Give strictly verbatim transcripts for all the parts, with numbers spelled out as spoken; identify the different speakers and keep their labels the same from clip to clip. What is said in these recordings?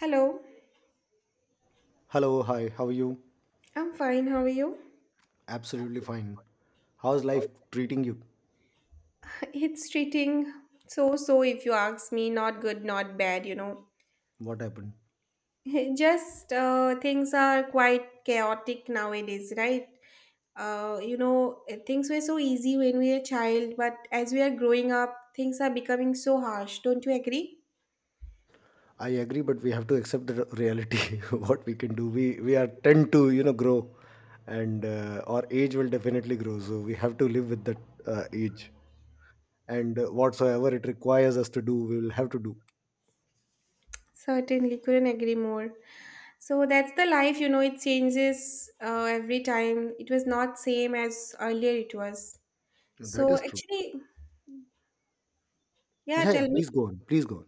Speaker 1: Hello,
Speaker 2: Hello, hi, how are you?
Speaker 1: I'm fine. How are you?
Speaker 2: Absolutely fine. How's life treating you?
Speaker 1: It's treating so so if you ask me. Not good, not bad, you know.
Speaker 2: What happened?
Speaker 1: Just uh, things are quite chaotic nowadays, right? Uh, you know, eh, things were so easy when we were a child, but as we are growing up, things are becoming so harsh. Don't you agree?
Speaker 2: I agree, but we have to accept the re- reality. What we can do, we we are tend to you know grow, and uh, our age will definitely grow. So we have to live with that uh, age, and uh, whatsoever it requires us to do, we will have to do.
Speaker 1: Certainly, couldn't agree more. So that's the life, you know, it changes uh, every time. It was not same as earlier it was.
Speaker 2: That
Speaker 1: So
Speaker 2: is true.
Speaker 1: actually, yeah,
Speaker 2: Yeah, yeah.
Speaker 1: tell me.
Speaker 2: Please go on. Please go on.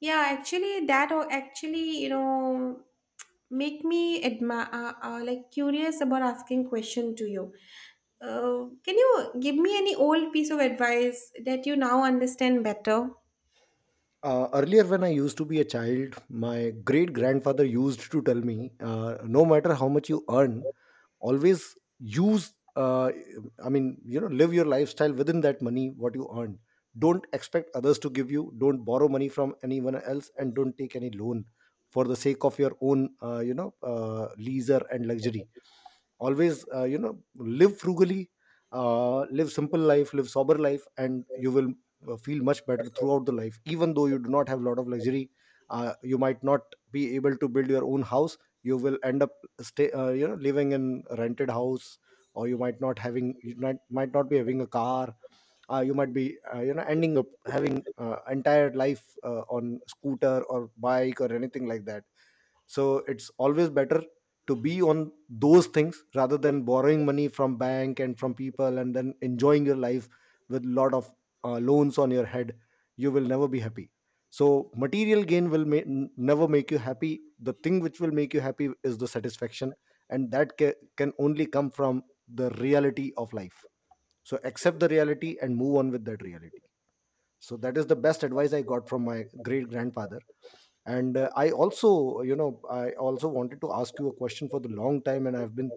Speaker 1: Yeah, actually, that o- actually, you know, make me admire, uh, uh, like curious about asking question to you. Uh, can you give me any old piece of advice that you now understand better?
Speaker 2: Uh, earlier, when I used to be a child, my great grandfather used to tell me, uh, no matter how much you earn, always use, uh, I mean, you know, live your lifestyle within that money, what you earn. Don't expect others to give you, don't borrow money from anyone else, and don't take any loan for the sake of your own, uh, you know, uh, leisure and luxury. Always, uh, you know, live frugally, uh, live simple life, live sober life, and you will uh, feel much better throughout the life, even though you do not have a lot of luxury. Uh, you might not be able to build your own house. You will end up stay uh, you know living in a rented house, or you might not having you might, might not be having a car. Uh, you might be uh, you know ending up having uh, entire life uh, on scooter or bike or anything like that. So it's always better to be on those things rather than borrowing money from bank and from people and then enjoying your life with lot of uh, loans on your head. You will never be happy. So material gain will ma- n- never make you happy. The thing which will make you happy is the satisfaction, and that ca- can only come from the reality of life. So accept the reality and move on with that reality. So that is the best advice I got from my great grandfather. And uh, i also you know i also wanted to ask you a question for the long time, and I've been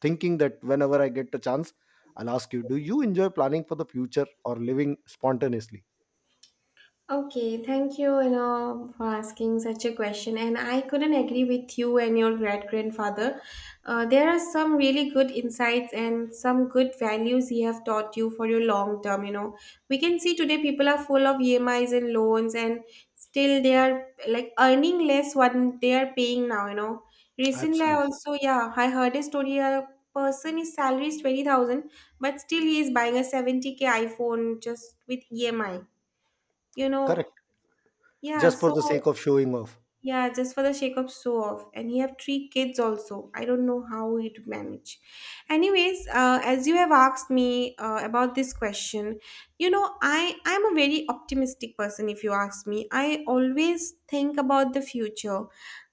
Speaker 2: thinking that whenever I get a chance, I'll ask you, do you enjoy planning for the future or living spontaneously?
Speaker 1: Okay, thank you, you know, for asking such a question. And I couldn't agree with you and your great grandfather. Uh, there are some really good insights and some good values he have taught you for your long term. You know, we can see today people are full of E M Is and loans, and still they are like earning less what they are paying now. You know, recently I
Speaker 2: Absolutely.
Speaker 1: also, yeah, I heard a story. A person his salary is twenty thousand, but still he is buying a seventy k iPhone just with E M I, you know.
Speaker 2: Correct.
Speaker 1: Yeah,
Speaker 2: Just for
Speaker 1: so
Speaker 2: the sake of showing off.
Speaker 1: yeah, just for the sake of show off. And you have three kids also. I don't know how it manage. Anyways, uh, as you have asked me uh, about this question, you know, I I'm a very optimistic person if you ask me. I always think about the future.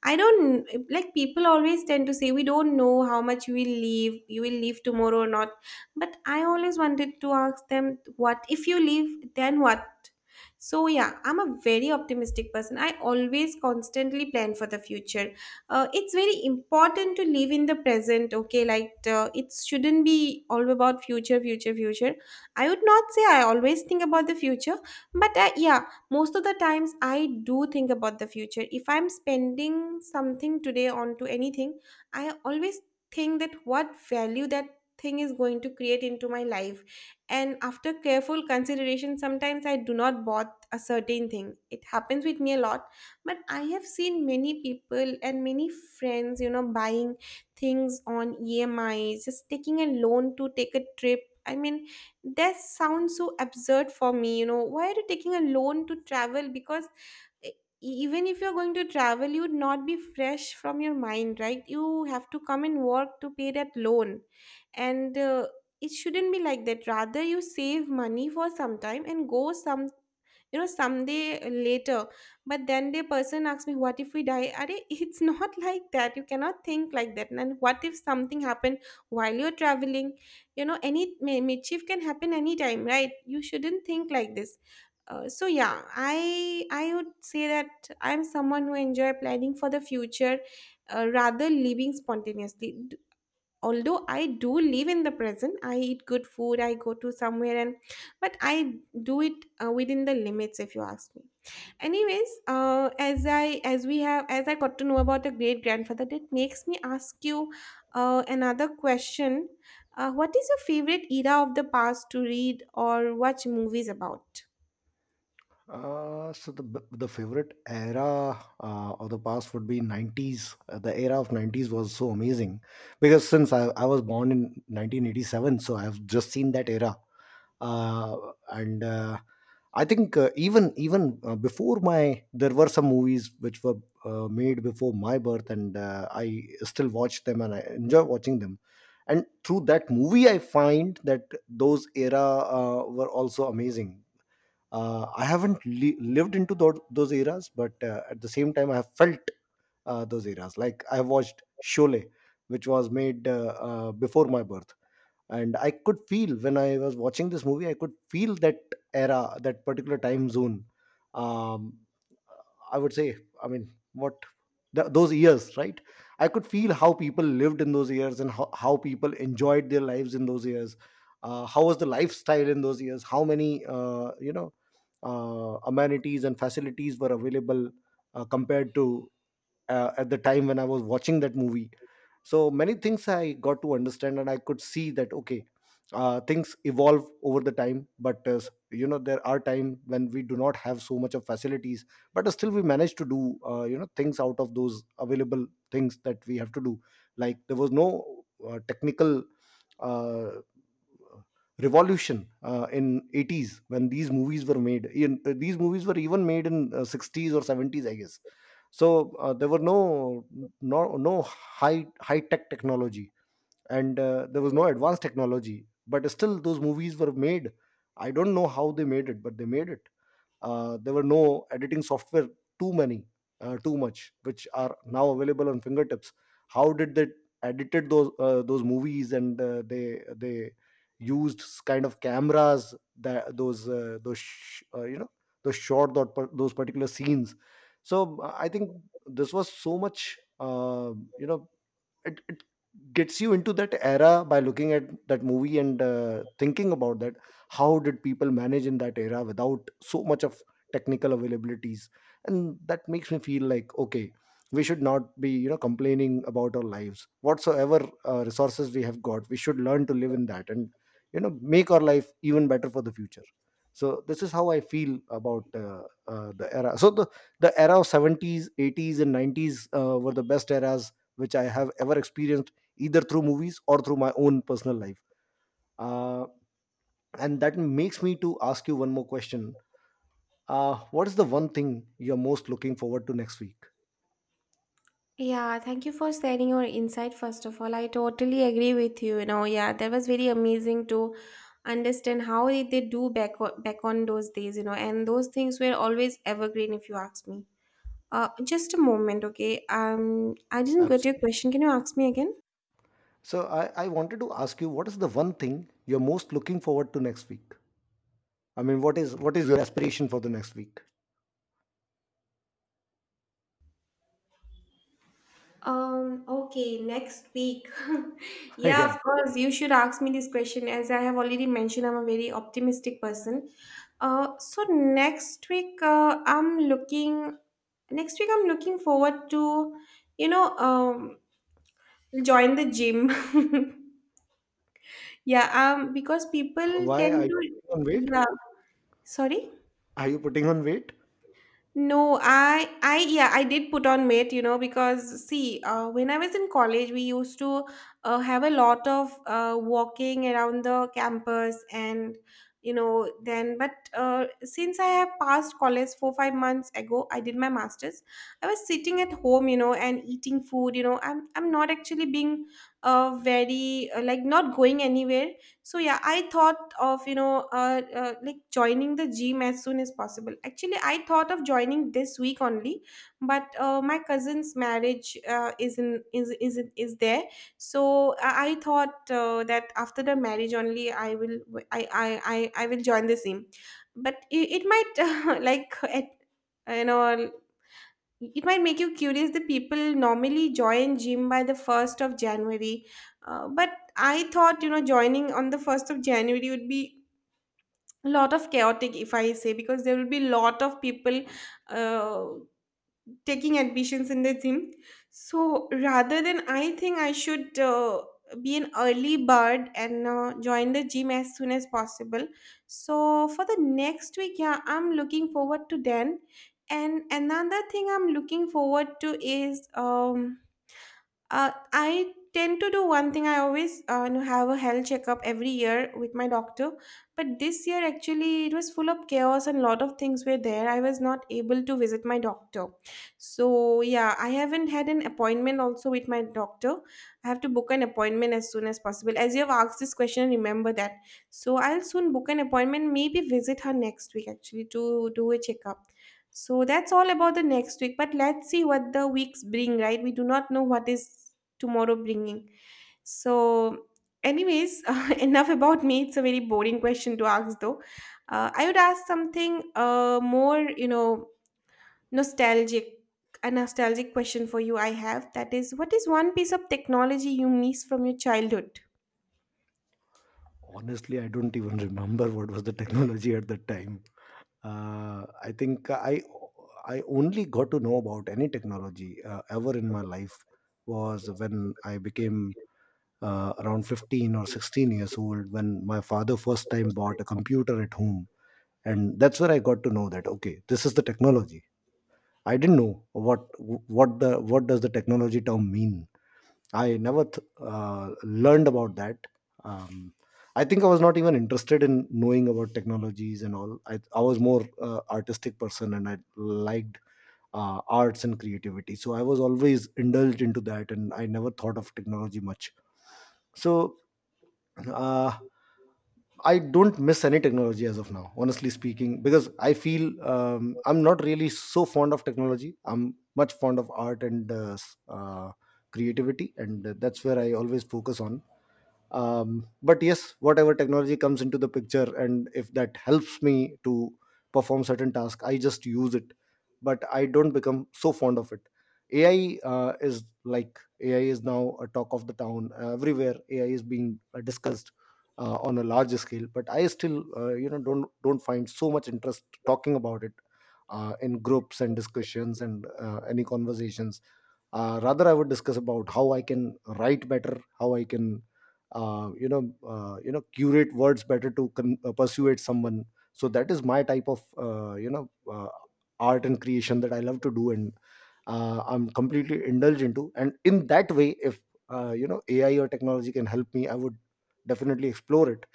Speaker 1: I don't like, people always tend to say we don't know how much we will leave, you will leave tomorrow or not. But I always wanted to ask them, what if you leave, then what? So yeah, I'm a very optimistic person. I always constantly plan for the future. Uh, it's very important to live in the present. Okay, like uh, it shouldn't be all about future, future, future. I would not say I always think about the future, but uh, yeah, most of the times I do think about the future. If I'm spending something today onto anything, I always think that what value that thing is going to create into my life, and after careful consideration sometimes I do not bother a certain thing. It happens with me a lot, but I have seen many people and many friends, you know, buying things on E M Is, just taking a loan to take a trip. I mean, that sounds so absurd for me, you know. Why are you taking a loan to travel? Because e- even if you're going to travel, you'd not be fresh from your mind, right? You have to come and work to pay that loan. And uh, it shouldn't be like that, rather you save money for some time and go some, you know, someday later. But then the person asks me, what if we die? Are it's not like that, you cannot think like that. And what if something happened while you're traveling, you know, any mi- mischief can happen anytime, right? You shouldn't think like this. Uh, so yeah, I I would say that I'm someone who enjoy planning for the future uh, rather living spontaneously. D- Although I do live in the present, I eat good food, I go to somewhere, and but I do it uh, within the limits if you ask me. Anyways, uh, as I as we have as I got to know about a great grandfather, that makes me ask you uh, another question. Uh, what is your favorite era of the past to read or watch movies about?
Speaker 2: Uh, so the b- the favorite era uh, of the past would be nineties. Uh, the era of nineties was so amazing, because since I, I was born in nineteen eighty-seven, so I've just seen that era. Uh, and uh, I think uh, even even uh, before my there were some movies which were uh, made before my birth, and uh, I still watch them and I enjoy watching them. And through that movie, I find that those era uh, were also amazing. Uh, i haven't li- lived into tho- those eras, but uh, at the same time I have felt uh, those eras. Like I watched Sholay, which was made uh, uh, before my birth, and I could feel, when I was watching this movie, I could feel that era, that particular time zone. um I would say, I mean, what th- those years, right? I could feel how people lived in those years, and how, how people enjoyed their lives in those years. Uh, how was the lifestyle in those years, how many uh, you know uh, amenities and facilities were available, uh, compared to uh, at the time when I was watching that movie. So many things I got to understand, and I could see that, okay, uh, things evolve over the time. But uh, you know, there are time when we do not have so much of facilities, but still we manage to do uh, you know things out of those available things that we have to do. Like there was no uh, technical uh, revolution uh, in eighties, when these movies were made in, uh, these movies were even made in uh, sixties or seventies, I guess. So uh, there were no no no high high tech technology, and uh, there was no advanced technology, but still those movies were made. I don't know how they made it, but they made it. Uh, there were no editing software, too many, uh, too much, which are now available on fingertips. How did they edited those uh, those movies, and uh, they they used s- kind of cameras that those uh, those sh- uh, you know those short those par- those particular scenes. So uh, I think this was so much uh, you know it, it gets you into that era by looking at that movie and uh, thinking about that, how did people manage in that era without so much of technical availabilities. And that makes me feel like, okay, we should not be you know complaining about our lives whatsoever. Uh, resources we have got, we should learn to live in that, and you know make our life even better for the future. So this is how I feel about uh, uh, the era. So the the era of seventies, eighties and nineties uh, were the best eras, which I have ever experienced either through movies or through my own personal life. Uh, and that makes me to ask you one more question. Uh, what is the one thing you're most looking forward to next week?
Speaker 1: Yeah, thank you for sharing your insight. First of all, I totally agree with you. You know, yeah, that was very amazing to understand how did they do back o- back on those days. You know, and those things were always evergreen, if you ask me. Uh, just a moment, okay? Um, I didn't get your
Speaker 2: Absolutely.
Speaker 1: question. Can you ask me again?
Speaker 2: So I, I wanted to ask you, what is the one thing you're most looking forward to next week? I mean, what is what is your aspiration for the next week?
Speaker 1: Um, okay, next week. Yeah,
Speaker 2: Yeah.
Speaker 1: of course, you should ask me this question. As I have already mentioned, I'm a very optimistic person. Uh, so next week, uh, I'm looking, Next week, I'm looking forward to, you know, um, join the gym. Yeah, um, because people
Speaker 2: Why are
Speaker 1: tend
Speaker 2: you
Speaker 1: to,
Speaker 2: putting on weight?
Speaker 1: yeah, sorry.
Speaker 2: Are you putting on weight?
Speaker 1: No, I, I, yeah, I did put on weight, you know, because see, uh, when I was in college, we used to uh, have a lot of uh, walking around the campus, and you know, then, but uh, since I have passed college four, five months ago, I did my master's. I was sitting at home, you know, and eating food. You know, I'm, I'm not actually being uh, very, uh, like, not going anywhere. So yeah, I thought of, you know, uh, uh, like joining the gym as soon as possible. Actually, I thought of joining this week only, but uh, my cousin's marriage uh, is in is is in- is there. So i I thought uh, that after the marriage only I will I I I, I will join the gym. But it, it might like at, you know, it might make you curious, the people normally join gym by the first of january. Uh, but I thought, you know, joining on the first of january would be a lot of chaotic if I say, because there will be a lot of people uh, taking admissions in the gym. So rather than, I think I should uh, be an early bird and uh, join the gym as soon as possible. So for the next week, yeah, I'm looking forward to then. And another thing I'm looking forward to is um uh, I tend to do one thing. I always, uh, you know, have a health checkup every year with my doctor, but this year actually it was full of chaos and lot of things were there. I was not able to visit my doctor, so yeah, I haven't had an appointment also with my doctor. I have to book an appointment as soon as possible. As you have asked this question, remember that. So I'll soon book an appointment. Maybe visit her next week actually to do a checkup. So that's all about the next week. But let's see what the weeks bring, right? We do not know what is tomorrow bringing. So, anyways, uh, enough about me. It's a very boring question to ask, though. Uh, I would ask something uh, more, you know, nostalgic. A nostalgic question for you I have, that is, what is one piece of technology you miss from your childhood?
Speaker 2: Honestly, I don't even remember what was the technology at that time. Uh, I think I I only got to know about any technology uh, ever in my life was when I became uh, around fifteen or sixteen years old, when my father first time bought a computer at home, and that's where I got to know that, okay, this is the technology. I didn't know what what the what does the technology term mean. I never th- uh, learned about that. Um, I think I was not even interested in knowing about technologies and all. I, I was more uh, artistic person, and I liked uh, arts and creativity. So I was always indulged into that, and I never thought of technology much. So uh, I don't miss any technology as of now, honestly speaking, because I feel um, I'm not really so fond of technology. I'm much fond of art and uh, s- uh, creativity, and that's where I always focus on. Um, but yes, whatever technology comes into the picture, and if that helps me to perform certain tasks, I just use it, but I don't become so fond of it. ai uh, is like AI is now a talk of the town. Everywhere, AI is being uh, discussed uh, on a larger scale, but I still uh, you know don't don't find so much interest talking about it uh, in groups and discussions, and uh, any conversations. Uh, rather, I would discuss about how I can write better, how I can, uh, you know, uh, you know, curate words better to con- uh, persuade someone. So that is my type of, uh, you know, uh, art and creation that I love to do, and uh, I'm completely indulged into. And in that way, if uh, you know A I or technology can help me, I would definitely explore it.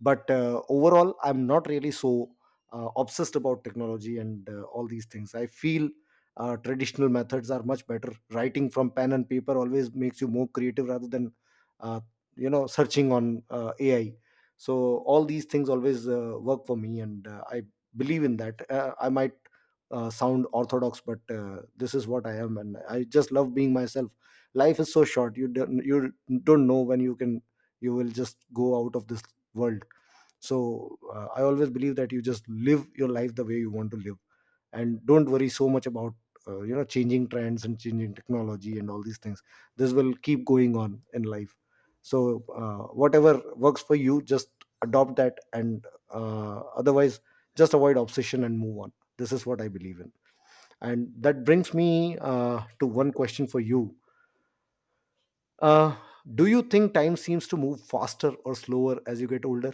Speaker 2: But uh, overall, I'm not really so uh, obsessed about technology and uh, all these things. I feel uh, traditional methods are much better. Writing from pen and paper always makes you more creative rather than uh, you know searching on uh, AI. So all these things always uh, work for me, and uh, I believe in that. uh, I might uh, sound orthodox, but uh, this is what I am, and I just love being myself. Life is so short. You don't you don't know when you can, you will just go out of this world. So uh, I always believe that you just live your life the way you want to live, and don't worry so much about uh, you know changing trends and changing technology and all these things. This will keep going on in life. So uh, whatever works for you, just adopt that, and uh, otherwise just avoid obsession and move on. This is what I believe in. And that brings me uh, to one question for you. uh, do you think time seems to move faster or slower as you get older?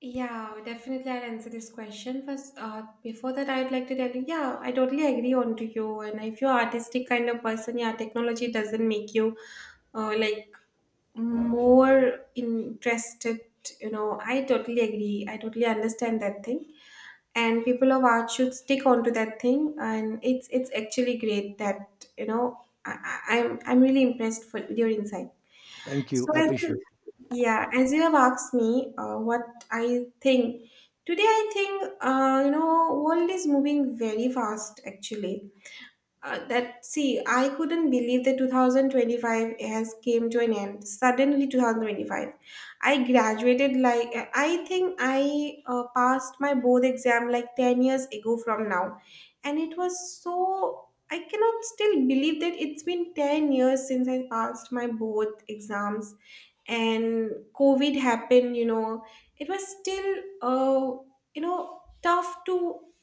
Speaker 1: Yeah, definitely I'll answer this question. First, uh, before that, I'd like to tell you, yeah, I totally agree on to you. And if you're artistic kind of person, yeah, technology doesn't make you uh, like more interested, you know. I totally agree. I totally understand that thing. And people of art should stick onto that thing. And it's it's actually great that, you know, I, I- I'm I'm really impressed for with your insight.
Speaker 2: Thank you,
Speaker 1: So
Speaker 2: I
Speaker 1: as
Speaker 2: appreciate.
Speaker 1: you- yeah, as you have asked me uh, what I think, today I think, uh, you know, world is moving very fast actually. Uh, that see, I couldn't believe that two thousand twenty-five has came to an end. Suddenly twenty twenty-five. I graduated like I think I uh, passed my board exam like ten years ago from now, and it was so, I cannot still believe that it's been ten years since I passed my board exams. And covid happened, you know. It was still uh, you know tough to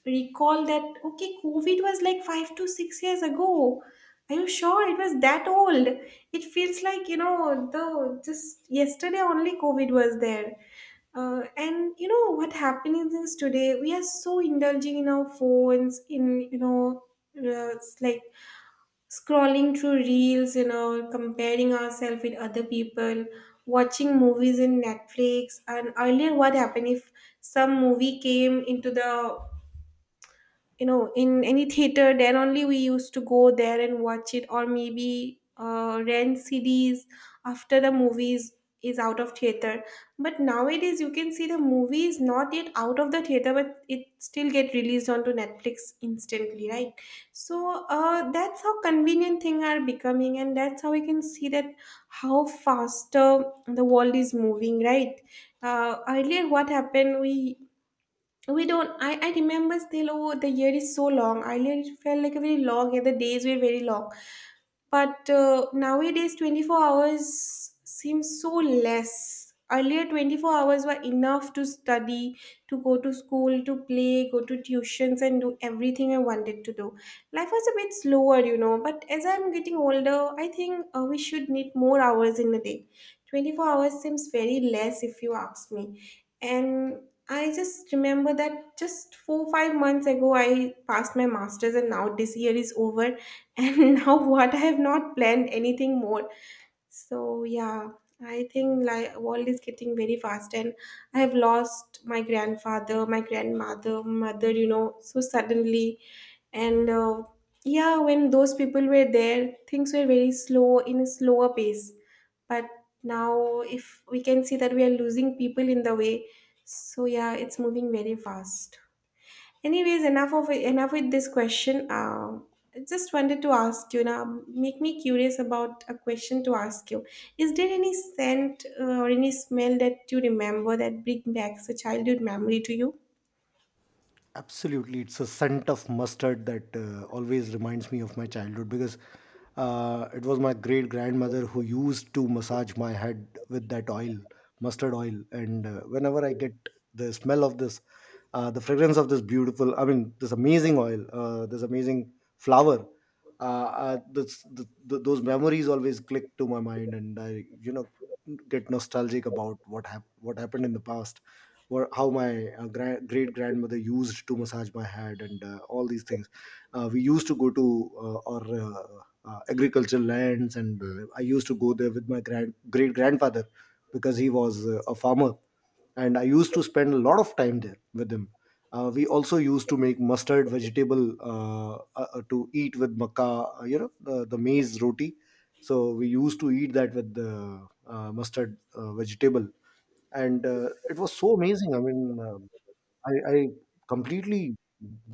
Speaker 1: recall that okay, covid was like five to six years ago. Are you sure it was that old? It feels like, you know, the just yesterday only COVID was there. Uh, and you know what happening is, today we are so indulging in our phones, in you know uh, it's like scrolling through reels, you know, comparing ourselves with other people, watching movies in Netflix, and earlier what happened if some movie came into the, you know, in any theater, there only we used to go there and watch it, or maybe uh, rent CDs after the movies is out of theater. But nowadays you can see the movie is not yet out of the theater, but it still get released onto Netflix instantly, right? So uh, that's how convenient thing are becoming, and that's how we can see that how faster the world is moving, right? Uh, earlier what happened, we we don't, I, I remember still, oh, the year is so long earlier, it felt like a very long, and the days were very long. But uh, nowadays twenty-four hours seems so less, earlier twenty-four hours were enough to study, to go to school, to play, go to tuitions, and do everything I wanted to do. Life was a bit slower, you know, but as I'm getting older, I think uh, we should need more hours in a day. twenty-four hours seems very less if you ask me. And I just remember that just four, five months ago, I passed my master's, and now this year is over. And now, what, I have not planned anything more. So yeah, I think like world is getting very fast, and I have lost my grandfather, my grandmother, mother, you know, so suddenly, and uh, yeah, when those people were there, things were very slow, in a slower pace. But now, if we can see that we are losing people in the way, so yeah, it's moving very fast. Anyways, enough of enough with this question. Uh, I just wanted to ask you now. Make me curious about a question to ask you. Is there any scent uh, or any smell that you remember that bring back a childhood memory to you?
Speaker 2: Absolutely, it's a scent of mustard that uh, always reminds me of my childhood, because uh, it was my great grandmother who used to massage my head with that oil, mustard oil. And uh, whenever I get the smell of this, uh, the fragrance of this beautiful, I mean, this amazing oil, uh, this amazing flower, uh, uh, this, th th those memories always click to my mind, and I, you know, get nostalgic about what hap- what happened in the past. Wha- how my uh, gra- great grandmother used to massage my head, and uh, all these things. Uh, we used to go to uh, our uh, uh, agricultural lands, and uh, I used to go there with my grand great grandfather, because he was uh, a farmer, and I used to spend a lot of time there with him. Uh, we also used to make mustard vegetable, uh, uh, uh, to eat with makka, uh, you know, the, the maize roti. So we used to eat that with the uh, mustard uh, vegetable. And uh, it was so amazing. I mean, um I, I completely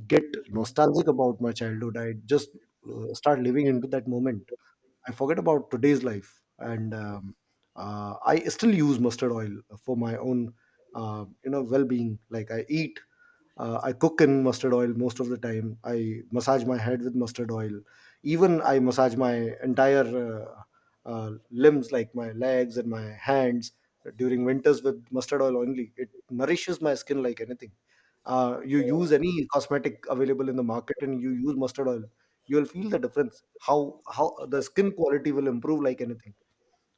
Speaker 2: get nostalgic about my childhood. I just uh, start living into that moment. I forget about today's life, and um, uh, I still use mustard oil for my own, uh, you know, well-being. Like I eat, uh, I cook in mustard oil most of the time. I massage my head with mustard oil. Even I massage my entire uh, uh, limbs, like my legs and my hands, during winters with mustard oil only. It nourishes my skin like anything. Uh, you use any cosmetic available in the market, and you use mustard oil, you will feel the difference, how how the skin quality will improve like anything.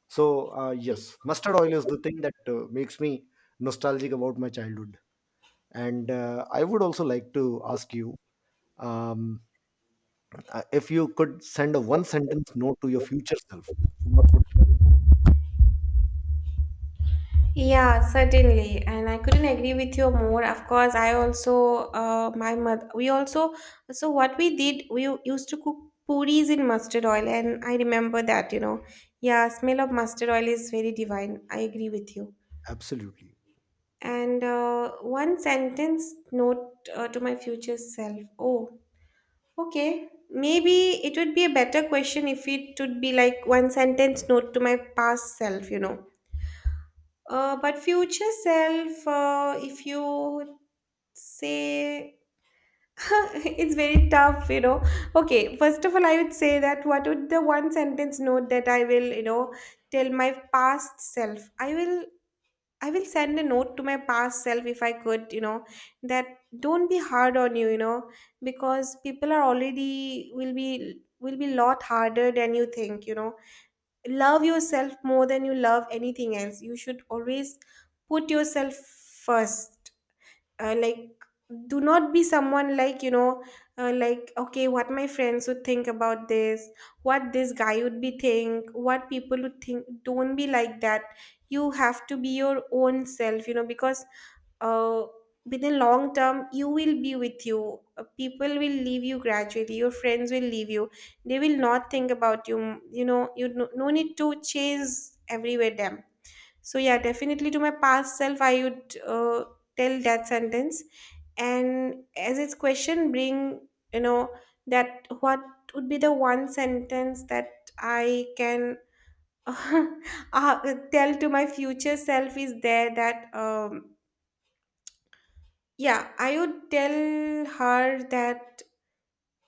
Speaker 2: So uh, yes, mustard oil is the thing that uh, makes me nostalgic about my childhood. And uh, I would also like to ask you, um, uh, if you could send a one sentence note to your future self, what would.
Speaker 1: Yeah, certainly. And I couldn't agree with you more. Of course, I also, uh, my mother, we also, so what we did, we u- used to cook puris in mustard oil. And I remember that, you know, yeah, smell of mustard oil is very divine. I agree with you.
Speaker 2: Absolutely,
Speaker 1: And uh, one sentence note uh, to my future self. Oh, okay, maybe it would be a better question if it would be like one sentence note to my past self, you know. Uh, but future self, uh, if you say it's very tough, you know. Okay, first of all, I would say that, what would the one sentence note that I will, you know, tell my past self. I will I will send a note to my past self if I could, you know, that don't be hard on you, you know, because people are already will be will be lot harder than you think, you know. Love yourself more than you love anything else. You should always put yourself first, uh, like do not be someone like, you know, uh, like okay, what my friends would think about this, what this guy would be think, what people would think, don't be like that. You have to be your own self, you know, because uh, within long term you will be with you. Uh, people will leave you gradually, your friends will leave you, they will not think about you, you know. You, no, no need to chase everywhere them. So yeah, definitely to my past self, I would uh, tell that sentence, and as its question, bring, you know, that what would be the one sentence that I can uh, tell to my future self. Is there that um, yeah, I would tell her that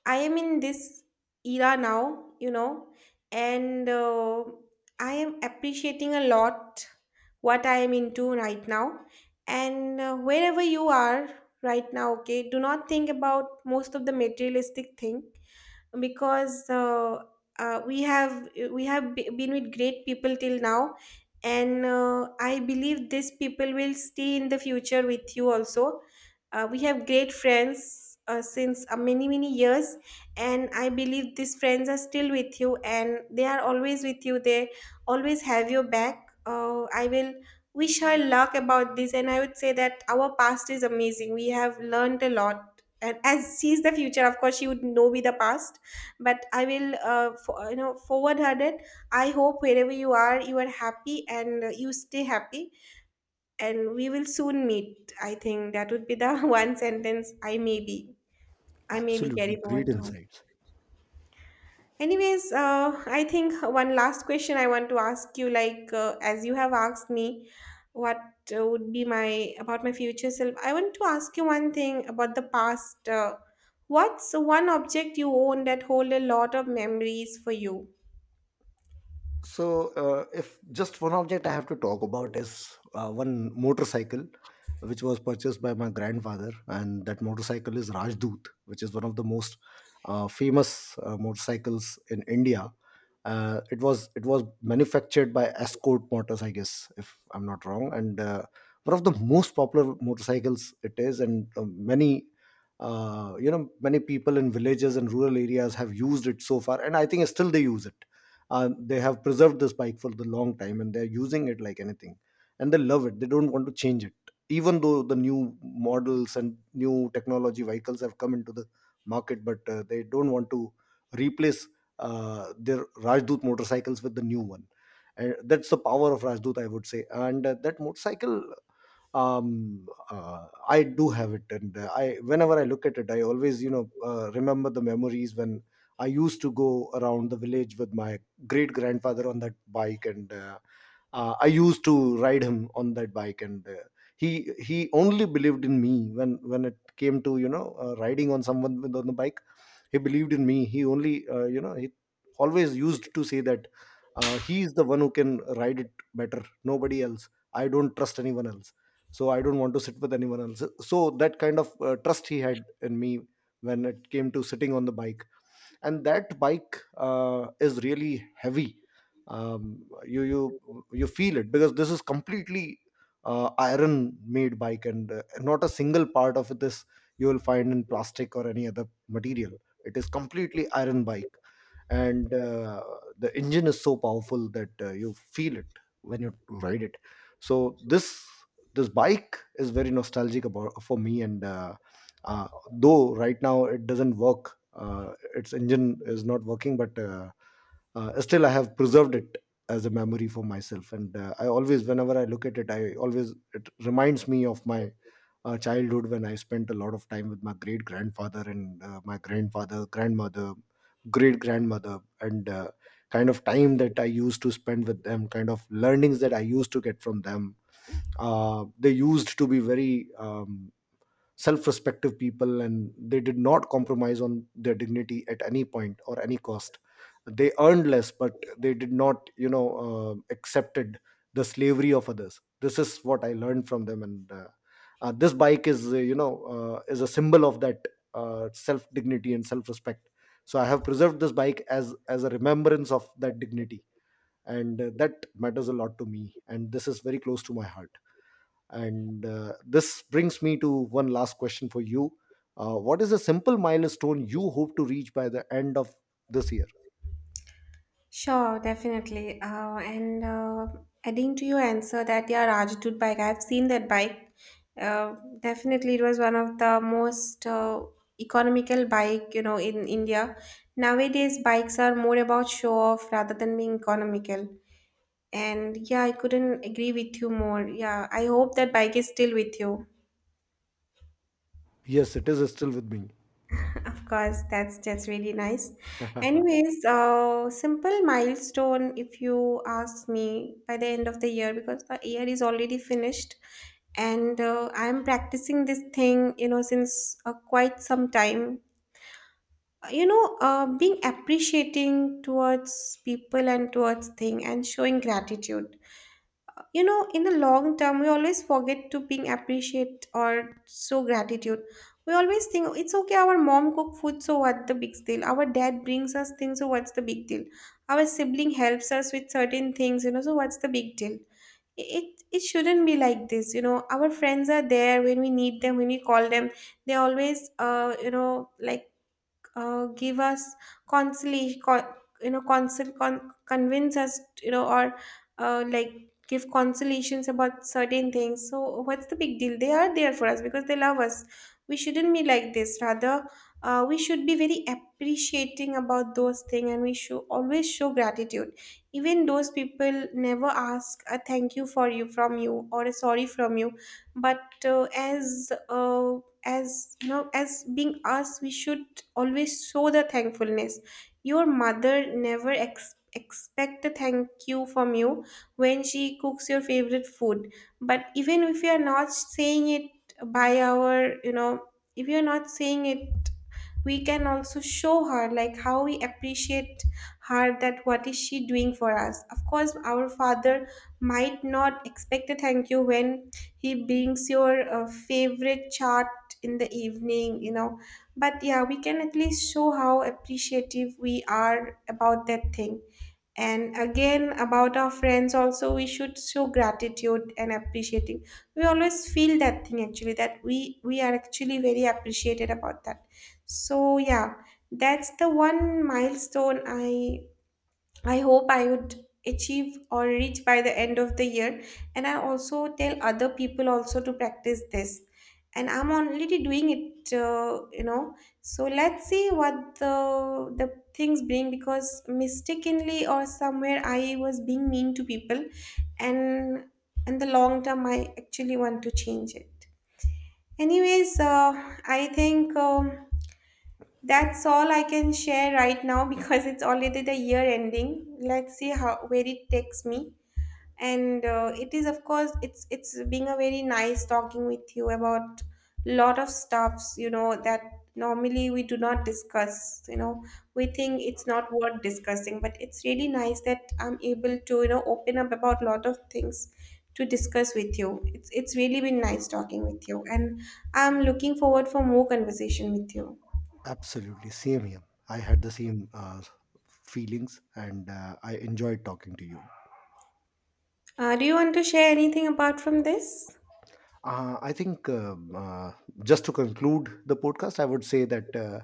Speaker 1: I am in this era now, you know, and uh, I am appreciating a lot what I am into right now. And uh, wherever you are right now, okay, do not think about most of the materialistic thing, because uh, uh, we have we have be- been with great people till now, and uh, I believe these people will stay in the future with you also. Uh, we have great friends uh, since uh, many many years, and I believe these friends are still with you, and they are always with you, they always have your back. uh, I will wish her luck about this, and I would say that our past is amazing, we have learned a lot, and as she is the future, of course she would know be the past. But I will uh, for, you know, forward headed, I hope wherever you are, you are happy, and uh, you stay happy, and we will soon meet. I think that would be the one sentence I may be I may be carry
Speaker 2: absolutely
Speaker 1: forward
Speaker 2: great
Speaker 1: to her.
Speaker 2: insights.
Speaker 1: Anyways, uh, I think one last question I want to ask you, like uh, as you have asked me what uh, would be my, about my future self, I want to ask you one thing about the past. Uh, what's one object you own that hold a lot of memories for you?
Speaker 2: So, uh, if just one object I have to talk about is uh, one motorcycle which was purchased by my grandfather, and that motorcycle is Rajdoot, which is one of the most uh, famous uh, motorcycles in India. Uh, it was it was manufactured by Escort Motors, I guess, if I'm not wrong. And uh, one of the most popular motorcycles it is. And uh, many uh, you know many people in villages and rural areas have used it so far, and I think still they use it. Uh, they have preserved this bike for the long time, and they're using it like anything, and they love it. They don't want to change it, even though the new models and new technology vehicles have come into the market, but uh, they don't want to replace uh, their Rajdoot motorcycles with the new one. And that's the power of Rajdoot, I would say. And uh, that motorcycle, um, uh, I do have it. And uh, I, whenever I look at it, I always, you know, uh, remember the memories when I used to go around the village with my great grandfather on that bike. And uh, uh, I used to ride him on that bike. And uh, he he only believed in me when when it came to, you know, uh, riding on someone with on the bike. He believed in me, he only, uh, you know, he always used to say that uh, he is the one who can ride it better, nobody else. I don't trust anyone else, so I don't want to sit with anyone else. So that kind of uh, trust he had in me when it came to sitting on the bike. And that bike uh, is really heavy. Um, you you you feel it, because this is completely uh, iron made bike, and uh, not a single part of this you will find in plastic or any other material. It is completely iron bike. And uh, the engine is so powerful that uh, you feel it when you ride it. So this this bike is very nostalgic about for me. And uh, uh, though right now it doesn't work, uh, its engine is not working, but uh, uh, still I have preserved it as a memory for myself. And uh, I always, whenever I look at it, I always, it reminds me of my uh, childhood, when I spent a lot of time with my great grandfather, and uh, my grandfather grandmother, great grandmother. And uh, kind of time that I used to spend with them, kind of learnings that I used to get from them. Uh, they used to be very um, self-respective people, and they did not compromise on their dignity at any point or any cost. They earned less, but they did not, you know, uh, accepted the slavery of others. This is what I learned from them. And uh, uh, this bike is, uh, you know, uh, is a symbol of that uh, self dignity and self respect. So I have preserved this bike as as a remembrance of that dignity. And uh, that matters a lot to me, and this is very close to my heart. And uh, this brings me to one last question for you. Uh, what is a simple milestone you hope to reach by the end of this year?
Speaker 1: Sure, definitely. Uh, and uh, Adding to your answer that yeah, Rajadut bike, I've seen that bike. Uh, Definitely, it was one of the most uh, economical bike, you know, in India. Nowadays, bikes are more about show off rather than being economical. And yeah, I couldn't agree with you more. Yeah, I hope that bike is still with you.
Speaker 2: Yes, it is still with me.
Speaker 1: Of course, that's that's really nice. Anyways, uh, simple milestone if you ask me by the end of the year because the year is already finished, and uh, I'm practicing this thing, you know, since uh, quite some time. You know, uh, being appreciating towards people and towards thing and showing gratitude. You know, in the long term we always forget to being appreciate or show gratitude. We always think, "Oh, it's okay, our mom cook food, so what the big deal, our dad brings us things, so what's the big deal, our sibling helps us with certain things, you know, so what's the big deal, it it shouldn't be like this. You know, our friends are there when we need them, when we call them, they always uh you know, like uh, give us consolation, con- you know, consol- con- convince us, you know, or uh, like give consolations about certain things. So what's the big deal? They are there for us because they love us. We shouldn't be like this. Rather, uh, we should be very appreciating about those things, and we should always show gratitude. Even those people never ask a thank you for you, from you, or a sorry from you, but uh, as uh, as you know, as being us, we should always show the thankfulness. Your mother never ex- expect a thank you from you when she cooks your favorite food, but even if you are not saying it, by our, you know, if you are not saying it, we can also show her like how we appreciate her, that what is she doing for us. Of course, our father might not expect a thank you when he brings your uh, favorite chart in the evening, you know, but yeah, we can at least show how appreciative we are about that thing. And again about our friends also, we should show gratitude and appreciating. We always feel that thing actually, that we we are actually very appreciated about that, so yeah, that's the one milestone i I hope I would achieve or reach by the end of the year. And I also tell other people also to practice this. And I'm already doing it, uh, you know. So let's see what the the things bring, because mistakenly or somewhere I was being mean to people, and in the long term I actually want to change it. Anyways, uh, I think. Um, that's all I can share right now because it's already the year ending. Let's see how where it takes me. And uh, it is, of course, it's it's being a very nice talking with you about lot of stuffs, you know, that normally we do not discuss. You know, we think it's not worth discussing, but it's really nice that I'm able to, you know, open up about lot of things to discuss with you. It's it's really been nice talking with you, and I'm looking forward for more conversation with you.
Speaker 2: Absolutely, same here. I had the same uh, feelings, and uh, I enjoyed talking to you.
Speaker 1: Uh, do you want to share anything apart from this?
Speaker 2: Uh, I think um, uh, just to conclude the podcast, I would say that uh,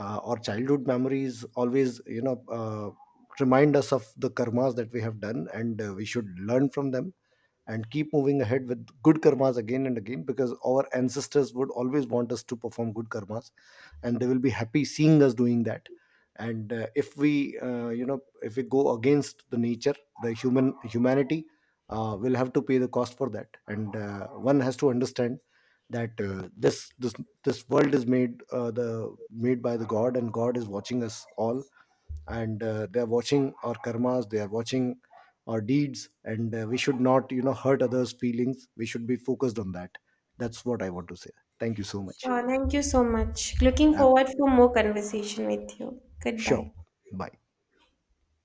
Speaker 2: uh, our childhood memories always, you know, uh, remind us of the karmas that we have done, and uh, we should learn from them and keep moving ahead with good karmas again and again, because our ancestors would always want us to perform good karmas, and they will be happy seeing us doing that. And uh, if we uh, you know if we go against the nature, the human humanity uh, will have to pay the cost for that. And uh, one has to understand that uh, this this this world is made, uh, the made by the god, and god is watching us all. And uh, they are watching our karmas, they are watching our deeds. And uh, we should not, you know, hurt others feelings. We should be focused on that. That's what I want to say. Thank you so much.
Speaker 1: Sure, thank you so much. Looking forward for
Speaker 2: Absolutely.
Speaker 1: more conversation with you.
Speaker 2: Sure.
Speaker 1: Goodbye.
Speaker 2: Bye.